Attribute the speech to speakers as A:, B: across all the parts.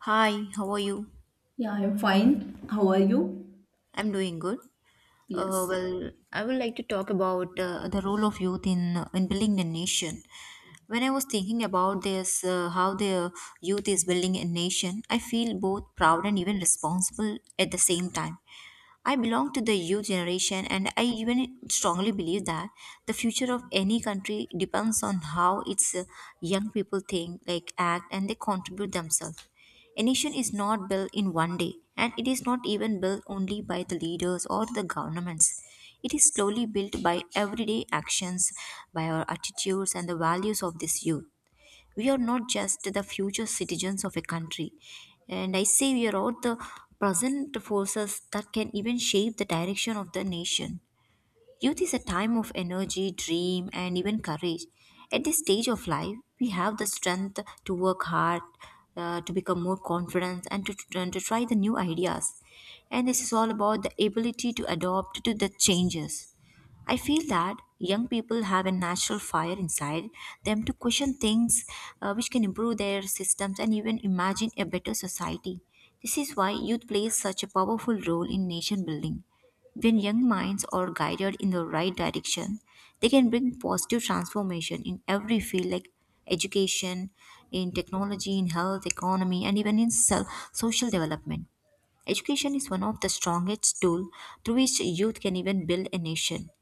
A: Hi, how are you?
B: Yeah, I'm fine. How are you?
A: I'm doing good.
B: Yes.
A: I would like to talk about the role of youth in in building a nation. When I was thinking about this, how the youth is building a nation, I feel both proud and even responsible at the same time. I belong to the youth generation, and I even strongly believe that the future of any country depends on how its young people think, like act, and they contribute themselves. A nation is not built in one day, and it is not even built only by the leaders or the governments. It is slowly built by everyday actions, by our attitudes and the values of this youth. We are not just the future citizens of a country, and I say we are all the present forces that can even shape the direction of the nation. Youth is a time of energy, dream, and even courage. At this stage of life, we have the strength to work hard, to become more confident and to try the new ideas, and this is all about the ability to adapt to the changes. I feel that young people have a natural fire inside them to question things, which can improve their systems and even imagine a better society. This is why youth plays such a powerful role in nation building. When young minds are guided in the right direction, they can bring positive transformation in every field like education, in technology, in health, economy, and even in self, social development. Education is one of the strongest tools through which youth can even build a nation.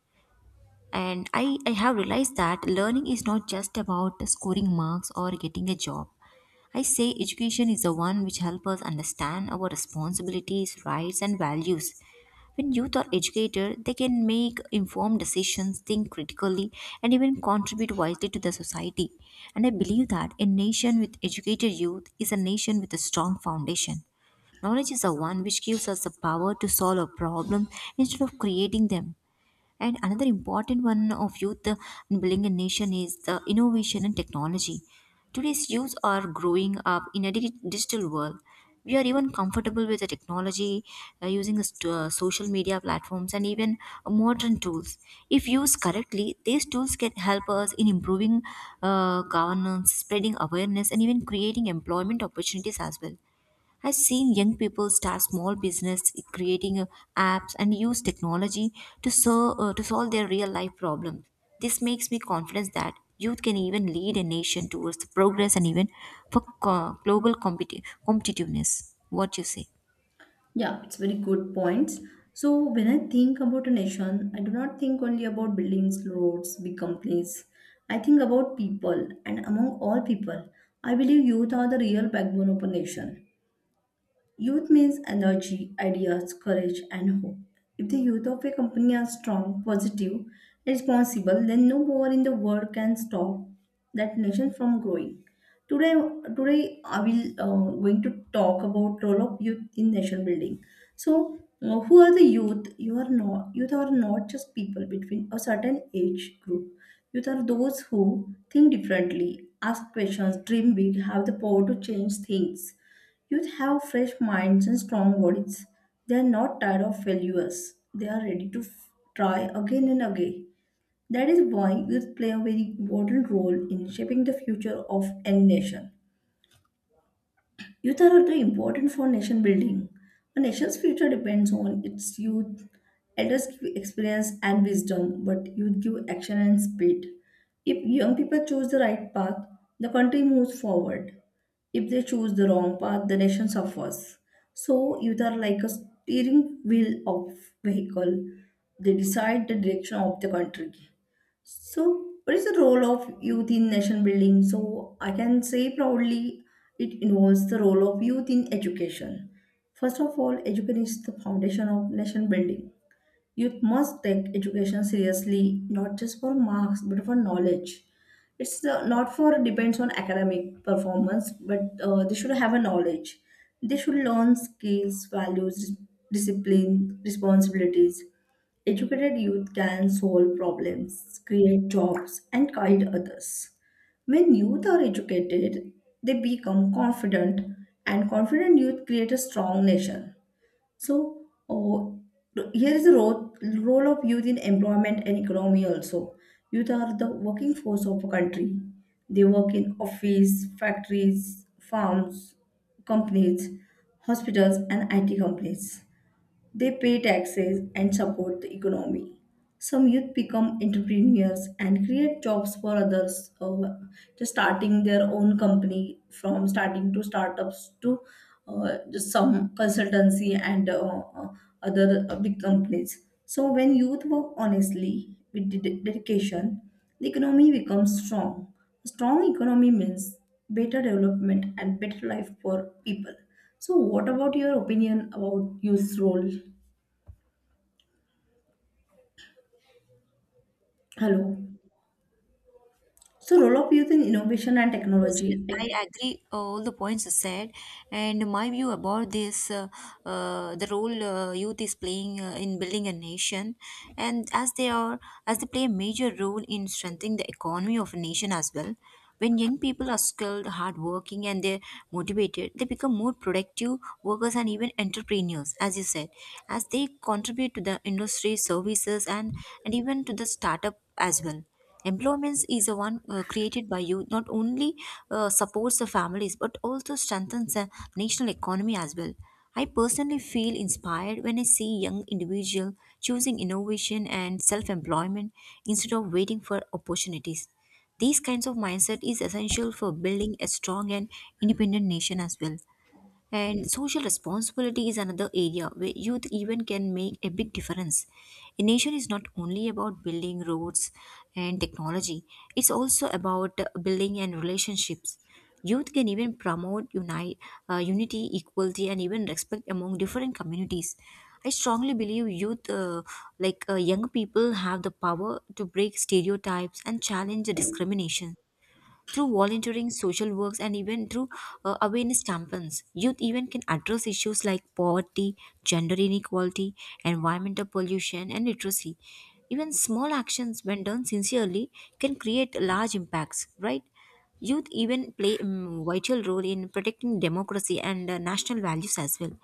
A: And I have realized that learning is not just about scoring marks or getting a job. I say education is the one which helps us understand our responsibilities, rights, and values. When youth are educated, they can make informed decisions, think critically, and even contribute wisely to the society. And I believe that a nation with educated youth is a nation with a strong foundation. Knowledge is the one which gives us the power to solve a problem instead of creating them. And another important one of youth in building a nation is the innovation and technology. Today's youth are growing up in a digital world. We are even comfortable with the technology, using the social media platforms and even modern tools. If used correctly, these tools can help us in improving governance, spreading awareness, and even creating employment opportunities as well. I've seen young people start small business, creating apps, and use technology to solve their real life problems. This makes me confident that youth can even lead a nation towards the progress and even for global competitiveness. What you say?
B: Yeah, it's very good points. So when I think about a nation, I do not think only about buildings, roads, big companies. I think about people, and among all people, I believe youth are the real backbone of a nation. Youth means energy, ideas, courage, and hope. If the youth of a company are strong, positive, responsible, then no power in the world can stop that nation from growing. Today, today, I will going to talk about role of youth in nation building. So, who are the youth? You are not youth are not just people between a certain age group. Youth are those who think differently, ask questions, dream big, have the power to change things. Youth have fresh minds and strong bodies. They are not tired of failures. They are ready to try again and again. That is why youth play a very important role in shaping the future of any nation. Youth are also important for nation building. A nation's future depends on its youth. Elders give experience and wisdom, but youth give action and speed. If young people choose the right path, the country moves forward. If they choose the wrong path, the nation suffers. So youth are like a steering wheel of vehicle. They decide the direction of the country. So, what is the role of youth in nation building? So, I can say proudly it involves the role of youth in education. First of all, education is the foundation of nation building. Youth must take education seriously, not just for marks, but for knowledge. It's not for depends on academic performance, but they should have a knowledge. They should learn skills, values, discipline, responsibilities. Educated youth can solve problems, create jobs, and guide others. When youth are educated, they become confident, and confident youth create a strong nation. So, oh, here is the role of youth in employment and economy also. Youth are the working force of a country. They work in office, factories, farms, companies, hospitals, and IT companies. They pay taxes and support the economy. Some youth become entrepreneurs and create jobs for others, just starting their own company from starting to startups to just some consultancy and uh, other big companies. So when youth work honestly with dedication, the economy becomes strong. A strong economy means better development and better life for people. So, what about your opinion about youth's role? Hello. So, role of youth in innovation and
A: Yes, yes,
B: technology.
A: I
B: Like,
A: agree all the points you said, and my view about this the role youth is playing in building a nation, and as they play a major role in strengthening the economy of a nation as well. When young people are skilled, hardworking, and they're motivated, they become more productive workers and even entrepreneurs, as you said, as they contribute to the industry, services, and even to the startup as well. Employment is the one created by you not only supports the families but also strengthens the national economy as well. I personally feel inspired when I see young individual choosing innovation and self-employment instead of waiting for opportunities. These kinds of mindset is essential for building a strong and independent nation as well. And social responsibility is another area where youth even can make a big difference. A nation is not only about building roads and technology, it's also about building and relationships. Youth can even promote unity, equality, and even respect among different communities. I strongly believe youth, young people, have the power to break stereotypes and challenge discrimination through volunteering, social works, and even through awareness campaigns. Youth even can address issues like poverty, gender inequality, environmental pollution, and literacy. Even small actions, when done sincerely, can create large impacts, right? Youth even play a vital role in protecting democracy and national values as well.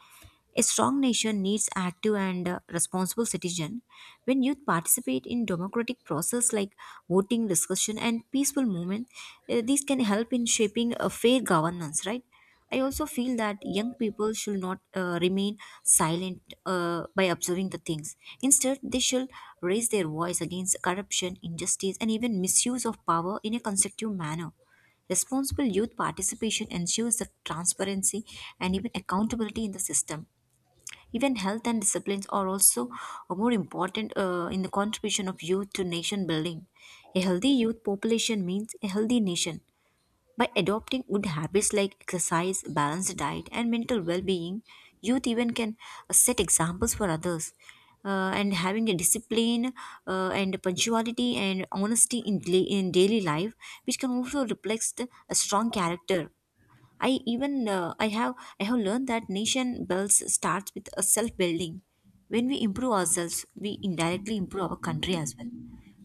A: A strong nation needs active and responsible citizen. When youth participate in democratic process like voting, discussion, and peaceful movement, these can help in shaping a fair governance. Right. I also feel that young people should not remain silent by observing the things. Instead, they should raise their voice against corruption, injustice, and even misuse of power in a constructive manner. Responsible youth participation ensures the transparency and even accountability in the system. Even health and disciplines are also more important in the contribution of youth to nation building. A healthy youth population means a healthy nation. By adopting good habits like exercise, balanced diet, and mental well being, youth even can set examples for others. And having a discipline and punctuality and honesty in, in daily life, which can also reflect a strong character. I even uh, I have I have learned that nation builds starts with a self building. When we improve ourselves, we indirectly improve our country as well.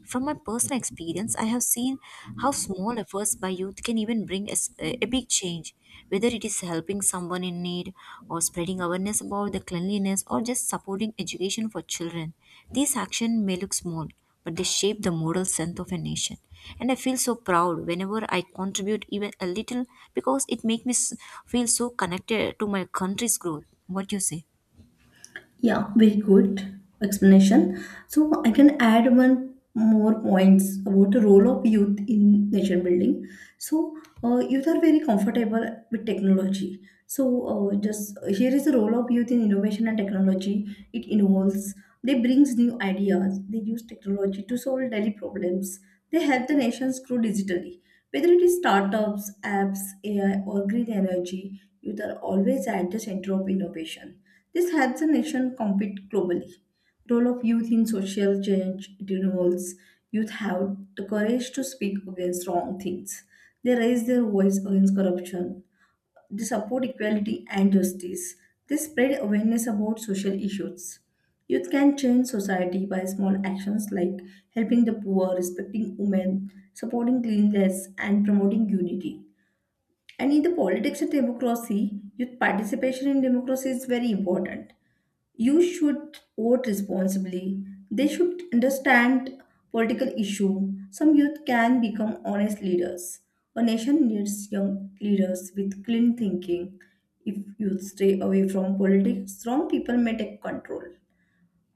A: From my personal experience, I have seen how small efforts by youth can even bring a big change, whether it is helping someone in need, or spreading awareness about the cleanliness, or just supporting education for children. These actions may look small, but they shape the moral strength of a nation. And I feel so proud whenever I contribute even a little because it makes feel so connected to my country's growth. What do you say?
B: yeah, very good explanation. So I can add one more points about the role of youth in nation building. So youth are very comfortable with technology. So just here is the role of youth in innovation and technology. It involves they brings new ideas. They use technology to solve daily problems. They help the nations grow digitally. Whether it is startups, apps, AI, or green energy, youth are always at the center of innovation. This helps the nation compete globally. Role of youth in social change, it involves youth have the courage to speak against wrong things. They raise their voice against corruption. They support equality and justice. They spread awareness about social issues. Youth can change society by small actions like helping the poor, respecting women, supporting cleanliness, and promoting unity. And in the politics and democracy, youth participation in democracy is very important. You should vote responsibly. They should understand political issue. Some youth can become honest leaders. A nation needs young leaders with clean thinking. If youth stay away from politics, strong people may take control.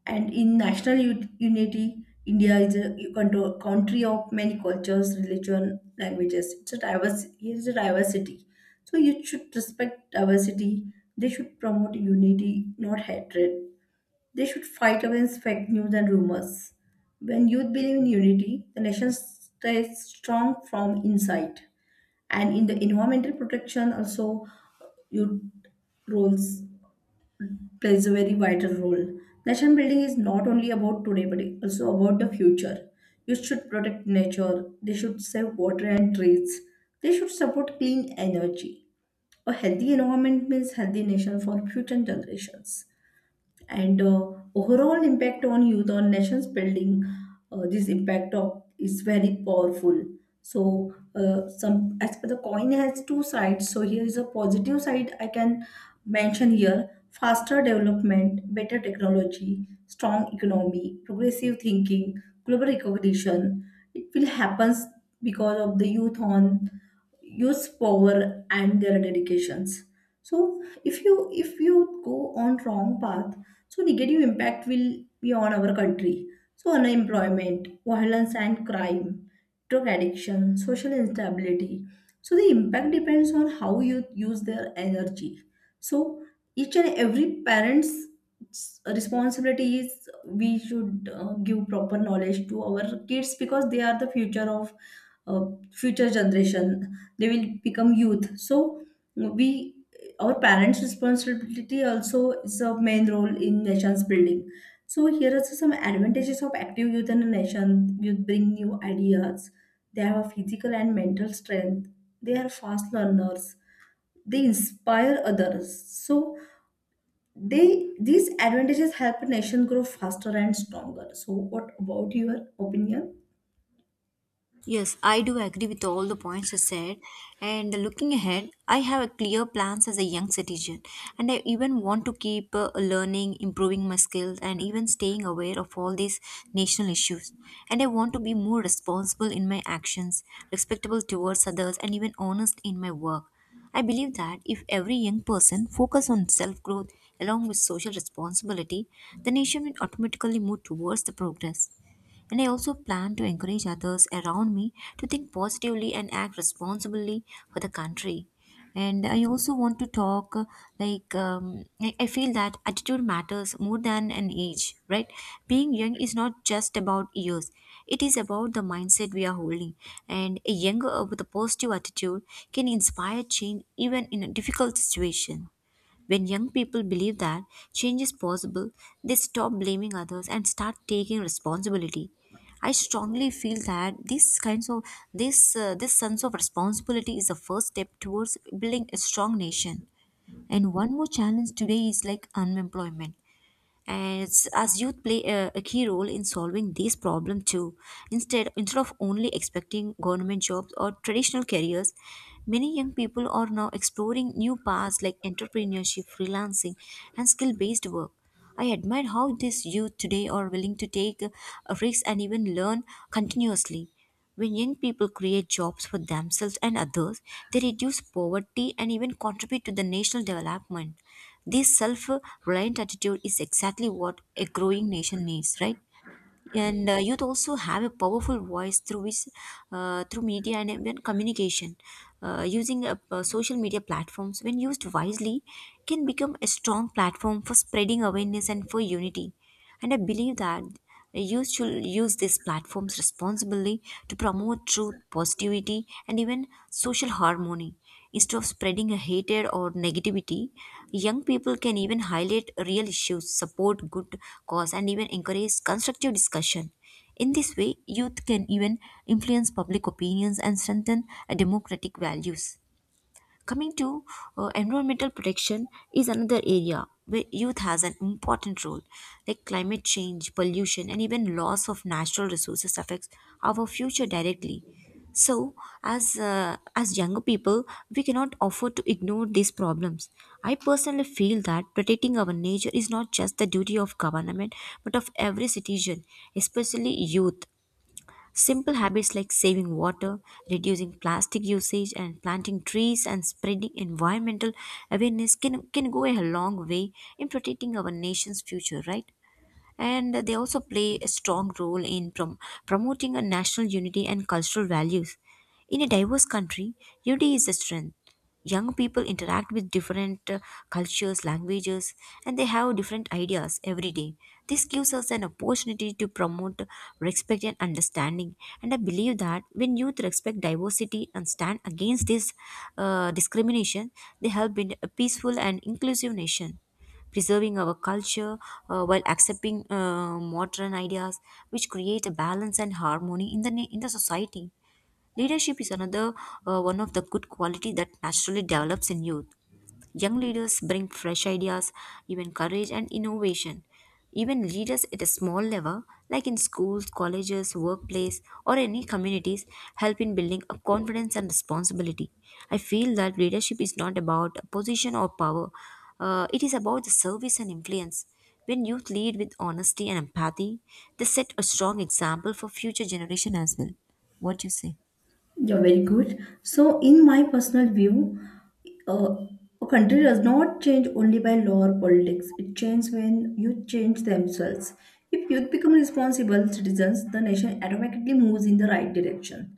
B: And in national unity, India is a country of many cultures, religion, languages. It's a diverse. Here is a diversity. So you should respect diversity. They should promote unity, not hatred. They should fight against fake news and rumors. When youth believe in unity, the nation stays strong from inside. And in the environmental protection, also youth roles plays a very vital role. Nation building is not only about today, but it also about the future. Youth should protect nature. They should save water and trees. They should support clean energy. A healthy environment means healthy nation for future generations. And overall impact on youth on nations building, this impact of is very powerful. So, some as per the coin has two sides, so here is a positive side I can mention here: faster development, better technology, strong economy, progressive thinking, global recognition, it will happen because of the youth's power and their dedications. So if you go on wrong path, so negative impact will be on our country. So unemployment, violence and crime, drug addiction, social instability. So the impact depends on how you use their energy. So each and every parent's responsibility is we should give proper knowledge to our kids because they are the future of uh, future generation. They will become youth. So we our parents' responsibility also is a main role in nation's building. So here are some advantages of active youth and a nation. Youth bring new ideas. They have a physical and mental strength. They are fast learners. They inspire others. So they these advantages help a nation grow faster and stronger. So what about your opinion?
A: Yes, I do agree with all the points you said. And looking ahead, I have a clear plans as a young citizen, and I even want to keep learning, improving my skills, and even staying aware of all these national issues. And I want to be more responsible in my actions, respectable towards others, and even honest in my work. I believe that if every young person focus on self growth along with social responsibility, the nation will automatically move towards the progress. And I also plan to encourage others around me to think positively and act responsibly for the country. And I also want to talk . I feel that attitude matters more than an age, right? Being young is not just about years; it is about the mindset we are holding. And a younger with a positive attitude can inspire change even in a difficult situation. When young people believe that change is possible, they stop blaming others and start taking responsibility. I strongly feel that this sense of responsibility is the first step towards building a strong nation. And one more challenge today is like unemployment and it's, as youth play a key role in solving these problems too, instead of only expecting government jobs or traditional careers, many young people are now exploring new paths like entrepreneurship, freelancing, and skill based work. I admire how these youth today are willing to take a risk and even learn continuously. When young people create jobs for themselves and others, they reduce poverty and even contribute to the national development. This self reliant attitude is exactly what a growing nation needs, right? And youth also have a powerful voice through which, through media and even communication. Using Social media platforms, when used wisely, can become a strong platform for spreading awareness and for unity. And I believe that youth should use these platforms responsibly to promote truth, positivity, and even social harmony. Instead of spreading a hatred or negativity, young people can even highlight real issues, support good cause, and even encourage constructive discussion. In this way, youth can even influence public opinions and strengthen democratic values. Coming to environmental protection is another area where youth has an important role. Like climate change, pollution, and even loss of natural resources affects our future directly. So, as younger people, we cannot afford to ignore these problems. I personally feel that protecting our nature is not just the duty of government, but of every citizen, especially youth. Simple habits like saving water, reducing plastic usage, and planting trees and spreading environmental awareness can go a long way in protecting our nation's future, right? And they also play a strong role in promoting a national unity and cultural values. In a diverse country, unity is a strength. Young people interact with different cultures, languages, and they have different ideas every day. This gives us an opportunity to promote respect and understanding. And I believe that when youth respect diversity and stand against this discrimination, they help build a peaceful and inclusive nation preserving our culture while accepting modern ideas which create a balance and harmony in the in the society. Leadership is another one of the good quality that naturally develops in youth. Young leaders bring fresh ideas, even courage and innovation. Even leaders at a small level, like in schools, colleges, workplace, or any communities, help in building up confidence and responsibility. I feel that leadership is not about a position or power, it is about the service and influence. When youth lead with honesty and empathy, they set a strong example for future generation as well. What do you say?
B: You're very good. So, in my personal view, uh, a country does not change only by law or politics. It changes when youth change themselves. If youth become responsible citizens, the nation automatically moves in the right direction.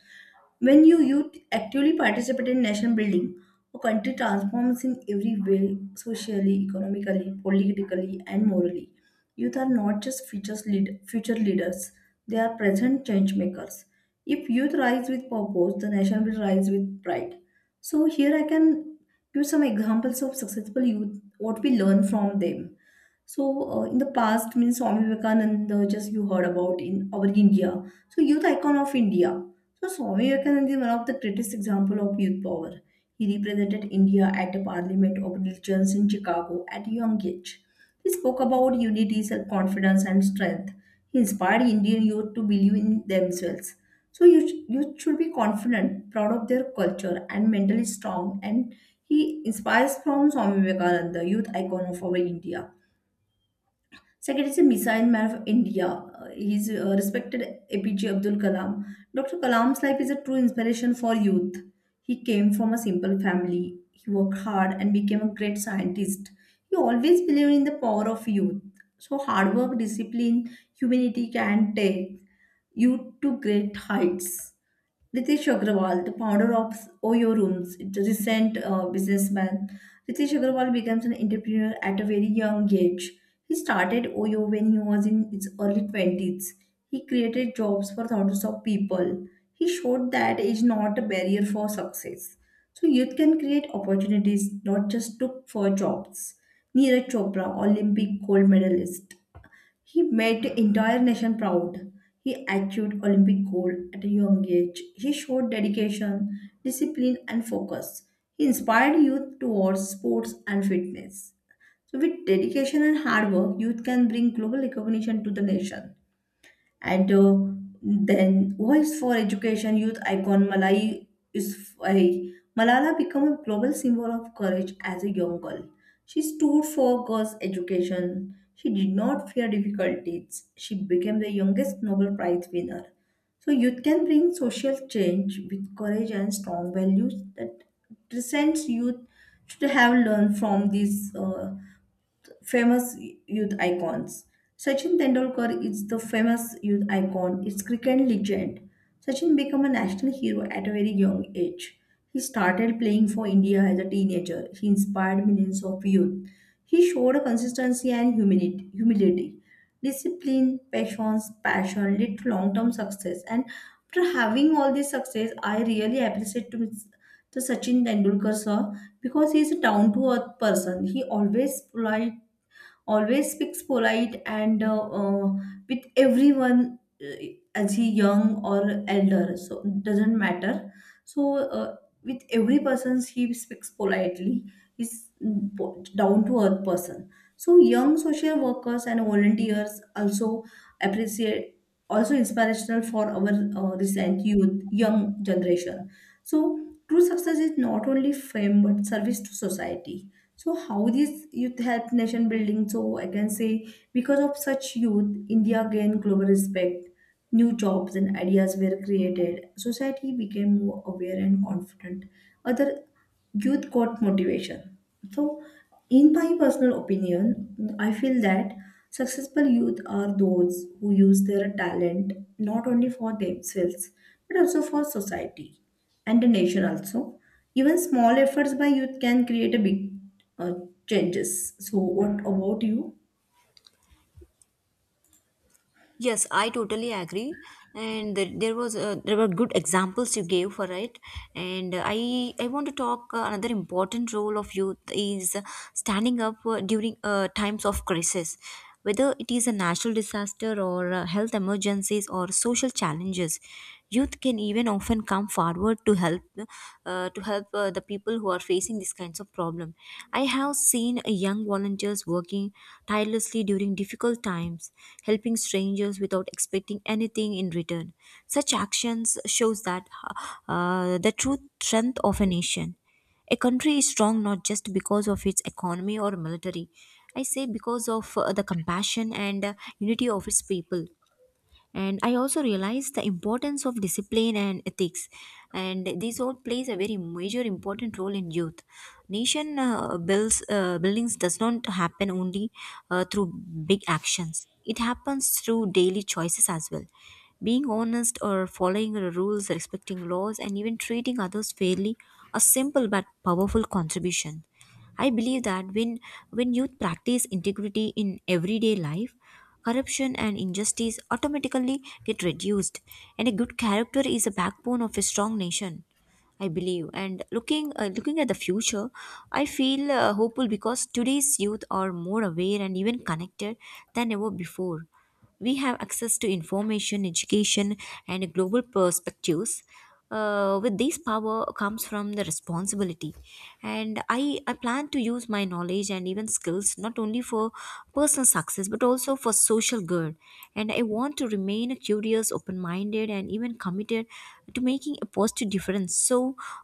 B: When youth actively participate in nation building, a country transforms in every way socially, economically, politically, and morally. Youth are not just future leaders, they are present change makers. If youth rise with purpose, the nation will rise with pride. So, here I can give some examples of successful youth, what we learn from them. So, in the past, means Swami Vivekananda, just you heard about in our India. So, youth icon of India. So, Swami Vivekananda is one of the greatest examples of youth power. He represented India at the Parliament of Religions in Chicago at a young age. He spoke about unity, self confidence, and strength. He inspired Indian youth to believe in themselves. So, youth should be confident, proud of their culture, and mentally strong. And he inspires from Swami Vivekananda, youth icon of our India. Second is the missile man of India. He's respected APJ Abdul Kalam. Dr. Kalam's life is a true inspiration for youth. He came from a simple family. He worked hard and became a great scientist. He always believed in the power of youth. So hard work, discipline, humanity can take you to great heights. Ritesh Agrawal, the founder of Oyo Rooms, the recent businessman, Ritesh Agarwal becomes an entrepreneur at a very young age. He started Oyo when he was in his early 20s. He created jobs for thousands of people. He showed that age is not a barrier for success. So youth can create opportunities, not just look for jobs. Neeraj Chopra, Olympic gold medalist. He made the entire nation proud. He achieved Olympic gold at a young age. He showed dedication, discipline, and focus. He inspired youth towards sports and fitness. So, with dedication and hard work, youth can bring global recognition to the nation. And then voice for education youth icon is I, Malala became a global symbol of courage as a young girl. She stood for girls' education. She did not fear difficulties. She became the youngest Nobel Prize winner. So youth can bring social change with courage and strong values that recent youth should have learned from these famous youth icons. Sachin Tendulkar is the famous youth icon. It's cricket legend. Sachin became a national hero at a very young age. He started playing for India as a teenager. He inspired millions of youth. He showed a consistency and humility, discipline, patience, passion lead to long-term success. And after having all this success, I really appreciate to Sachin Tendulkar sir because he is a down-to-earth person. He always polite, always speaks polite, and with everyone, uh, as he young or elder, so doesn't matter. So, with every person he speaks politely. He's down to earth person. So young social workers and volunteers also appreciate, also inspirational for our recent youth young generation. So true success is not only fame but service to society. So how this youth help nation building? So I can say because of such youth, India gained global respect. New jobs and ideas were created. Society became more aware and confident. Other youth got motivation. So, in my personal opinion, I feel that successful youth are those who use their talent not only for themselves but also for society and the nation also. Even small efforts by youth can create a big uh, changes. So, what about you?
A: Yes, I totally agree. And there was there were good examples you gave for it. And I want to talk another important role of youth is standing up during times of crisis, whether it is a natural disaster or health emergencies or social challenges. Youth can even often come forward to help to help the people who are facing these kinds of problem. I have seen young volunteers working tirelessly during difficult times, helping strangers without expecting anything in return. Such actions shows that the true strength of a nation. A country is strong not just because of its economy or military. I say because of the compassion and unity of its people. And I also realized the importance of discipline and ethics, and this all plays a very major important role in youth. Nation builds buildings does not happen only through big actions, it happens through daily choices as well, being honest or following the rules, respecting laws and even treating others fairly, a simple but powerful contribution. I believe that when youth practice integrity in everyday life, corruption and injustice automatically get reduced, and a good character is a backbone of a strong nation, I believe. And looking at the future, I feel hopeful because today's youth are more aware and even connected than ever before. We have access to information, education, and global perspectives. With this power comes from the responsibility, and I plan to use my knowledge and even skills not only for personal success but also for social good. And I want to remain curious, open-minded, and even committed to making a positive difference, so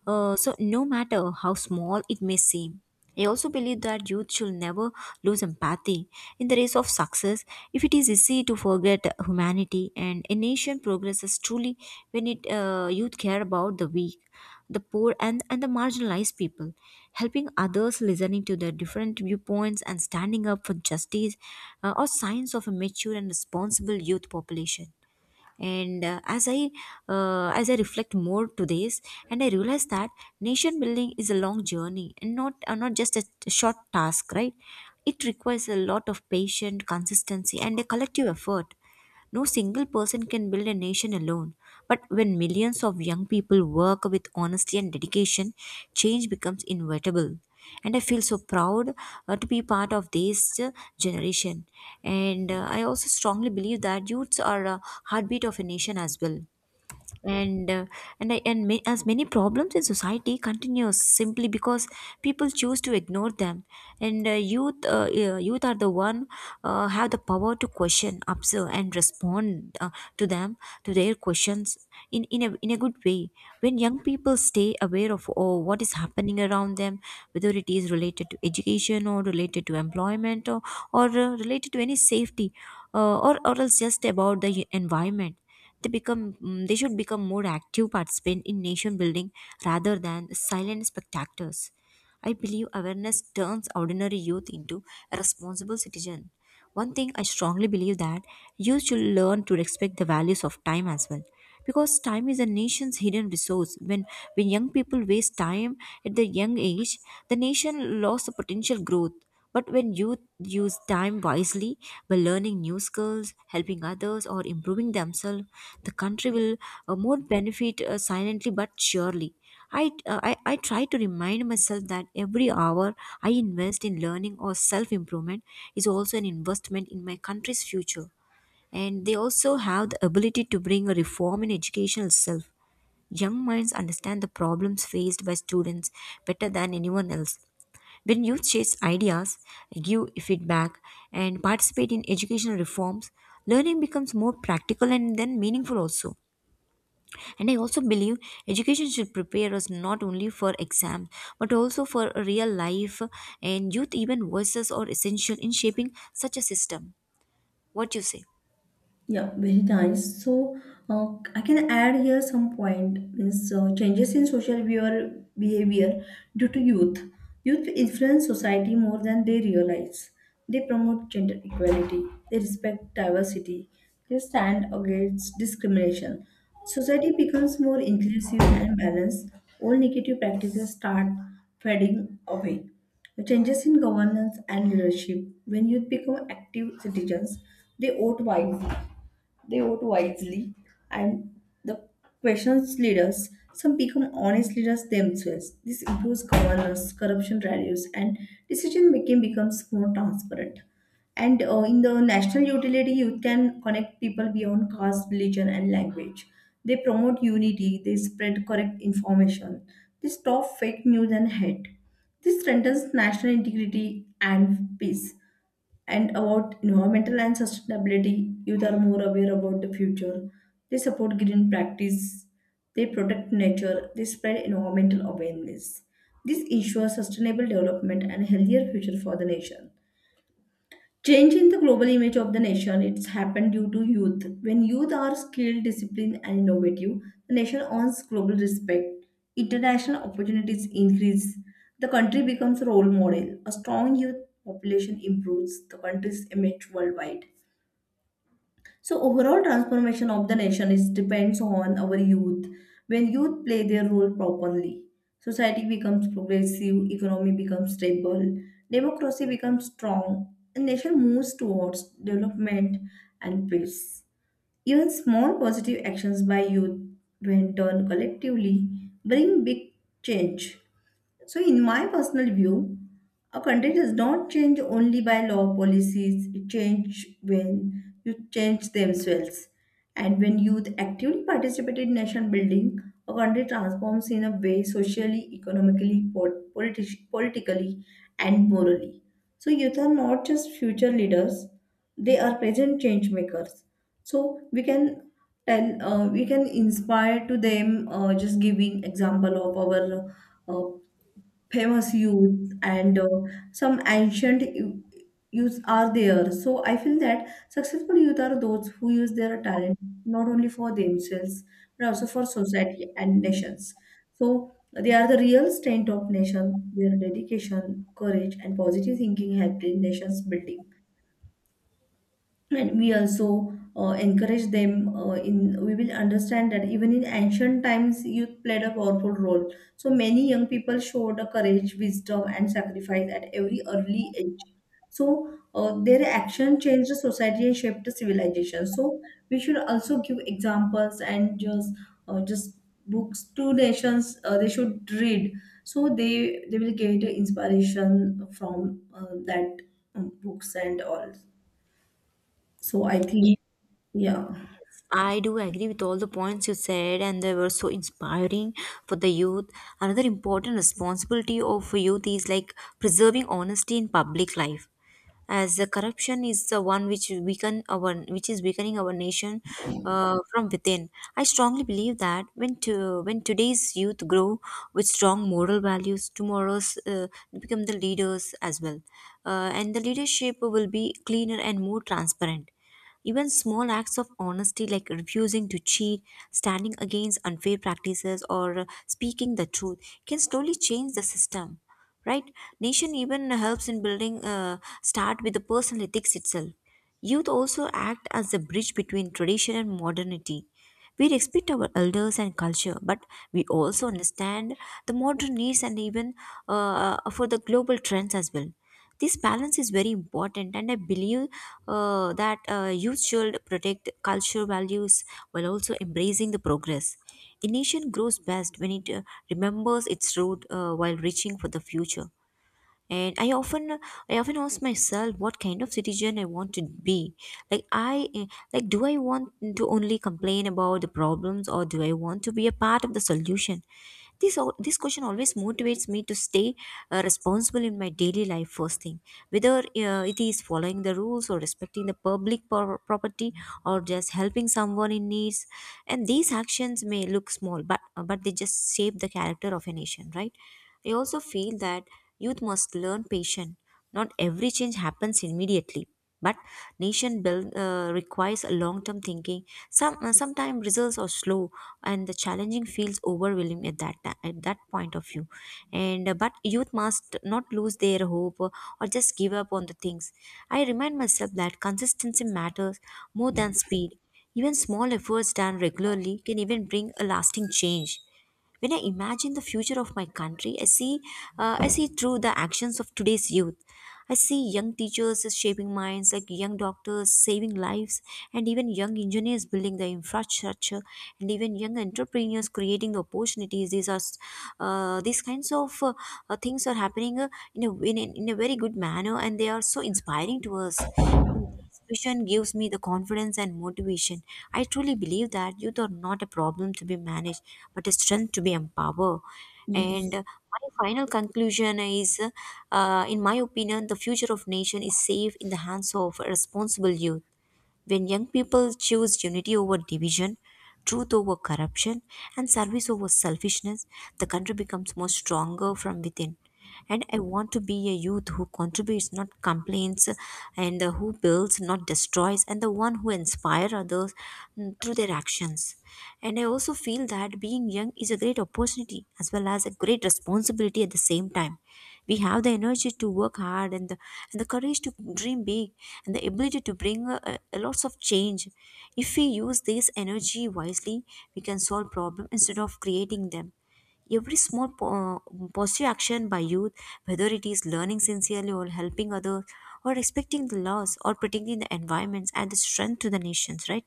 A: so no matter how small it may seem. I also believe that youth should never lose empathy in the race of success. If it is easy to forget humanity, and a nation progresses truly when it youth care about the weak, the poor, and the marginalized people. Helping others, listening to their different viewpoints, and standing up for justice are signs of a mature and responsible youth population. And as I reflect more to this, and I realize that nation building is a long journey and not just a short task, right? It requires a lot of patience, consistency, and a collective effort. No single person can build a nation alone. But when millions of young people work with honesty and dedication, change becomes inevitable. And I feel so proud to be part of this generation. And I also strongly believe that youths are a heartbeat of a nation as well. And as many problems in society continues simply because people choose to ignore them. And youth yeah, youth are the one have the power to question, observe, and respond to them, to their questions in in a good way. When young people stay aware of what is happening around them, whether it is related to education or related to employment, or related to any safety or else just about the environment, they become they should become more active participants in nation building rather than silent spectators. I believe awareness turns ordinary youth into a responsible citizen. One thing I strongly believe that youth should learn to respect the values of time as well, because time is a nation's hidden resource. When young people waste time at their young age, the nation lost the potential growth. But when youth use time wisely by learning new skills, helping others, or improving themselves, the country will more benefit silently but surely. I try to remind myself that every hour I invest in learning or self improvement is also an investment in my country's future. And they also have the ability to bring a reform in education itself. Young minds understand the problems faced by students better than anyone else. When youth chase ideas, give feedback, and participate in educational reforms, learning becomes more practical and then meaningful also. And I also believe education should prepare us not only for exams but also for a real life, and youth even voices are essential in shaping such a system. What you say?
B: Yeah, very nice. So, uh, I can add here some point means changes in social behavior, due to youth. Youth influence society more than they realize. They promote gender equality. They respect diversity. They stand against discrimination. Society becomes more inclusive and balanced. All negative practices start fading away. The changes in governance and leadership. When youth become active citizens, they vote wisely they vote wisely, and the questions leaders. Some become honest leaders themselves. This improves governance, corruption reduces, and decision making becomes more transparent. And in the national utility, you can connect people beyond caste, religion, and language. They promote unity, they spread correct information, they stop fake news and hate. This strengthens national integrity and peace, and about environmental and sustainability, youth are more aware about the future. They support green practice, they protect nature, they spread environmental awareness. This ensures sustainable development and healthier future for the nation. Change in the global image of the nation, it's happened due to youth. When youth are skilled, disciplined, and innovative, the nation earns global respect. International opportunities increase. The country becomes a role model. A strong youth population improves the country's image worldwide. So overall transformation of the nation is depends on our youth. When youth play their role properly, society becomes progressive, economy becomes stable, democracy becomes strong, and nation moves towards development and peace. Even small positive actions by youth, when done collectively, bring big change. So, in my personal view, a country does not change only by law policies, it changes when youth change themselves. And when youth actively participate in nation building, a country transforms in a way socially, economically, politically, and morally. So, youth are not just future leaders, they are present change makers, so we can inspire to them just giving example of our uh, famous youth, and some ancient youths are there. So I feel that successful youth are those who use their talent not only for themselves but also for society and nations. So they are the real strength of nation. Their dedication, courage, and positive thinking helped in nations building, and we also encourage them in we will understand that even in ancient times youth played a powerful role. So many young people showed a courage, wisdom, and sacrifice at every early age. So their action changed the society and shaped the civilization. So we should also give examples and just books to nations, they should read, so they will get inspiration from that books and all. So I think, yeah,
A: I do agree with all the points you said, and they were so inspiring for the youth. Another important responsibility of youth is like preserving honesty in public life, as the corruption is the one which weaken our, which is weakening our nation from within. I strongly believe that when today's youth grow with strong moral values, tomorrow's become the leaders as well, and the leadership will be cleaner and more transparent. Even small acts of honesty, like refusing to cheat, standing against unfair practices, or speaking the truth, can slowly change the system, right? Nation even helps in building start with the personal ethics itself. Youth also act as a bridge between tradition and modernity. We respect our elders and culture, but we also understand the modern needs and even for the global trends as well. This balance is very important, and I believe that youth should protect cultural values while also embracing the progress. A nation grows best when it remembers its root while reaching for the future. And I often, I often ask myself, what kind of citizen I want to be? Like i like do I want to only complain about the problems, or do I want to be a part of the solution? This question always motivates me to stay responsible in my daily life first thing, whether it is following the rules or respecting the public property, or just helping someone in needs. And these actions may look small, but they just shape the character of a nation, right? I also feel that youth must learn patience. Not every change happens immediately, but nation build requires a long-term thinking. Sometimes results are slow, and the challenging feels overwhelming at that at that point of view. And but youth must not lose their hope, or just give up on the things. I remind myself that consistency matters more than speed. Even small efforts done regularly can even bring a lasting change. When I imagine the future of my country, I see through the actions of today's youth. I see young teachers shaping minds, like young doctors saving lives, and even young engineers building the infrastructure, and even young entrepreneurs creating the opportunities. These kinds of things are happening in in a very good manner, and they are so inspiring to us. Vision gives me the confidence and motivation. I truly believe that youth are not a problem to be managed, but a strength to be empowered. And
B: yes,
A: my final conclusion is, in my opinion, the future of nation is safe in the hands of responsible youth. When young people choose unity over division, truth over corruption, and service over selfishness, the country becomes more stronger from within. And I want to be a youth who contributes, not complains, and who builds, not destroys, and the one who inspires others through their actions. And I also feel that being young is a great opportunity as well as a great responsibility at the same time. We have the energy to work hard, and and the courage to dream big, and the ability to bring lots of change. If we use this energy wisely, we can solve problems instead of creating them. Every small positive action by youth, whether it is learning sincerely or helping others, or respecting the laws or protecting the environments, adds strength to the nations, right?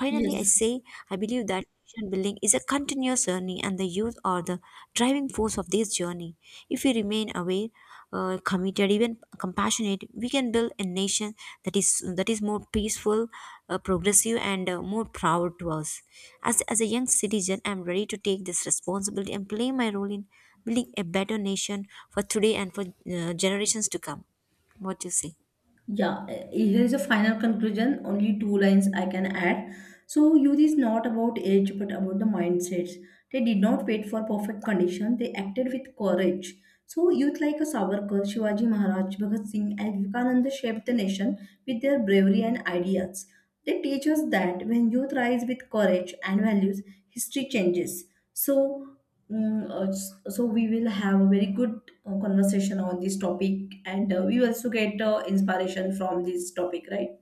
A: Finally, I
B: yes,
A: say I believe that nation building is a continuous journey, and the youth are the driving force of this journey. If we remain aware, committed, even compassionate, we can build a nation that is more peaceful, progressive, and more proud to us. As a young citizen, I am ready to take this responsibility and play my role in building a better nation for today and for generations to come. What do you say?
B: yeah. Eh, here's a final conclusion. Only two lines I can add. So, youth is not about age but about the mindsets. They did not wait for perfect condition. They acted with courage. So youth like a Savarkar, Shivaji Maharaj, Bhagat Singh, and Vivekananda shaped the nation with their bravery and ideas. They teach us that when youth rise with courage and values, history changes. So, so we will have a very good conversation on this topic, and we also get inspiration from this topic, right?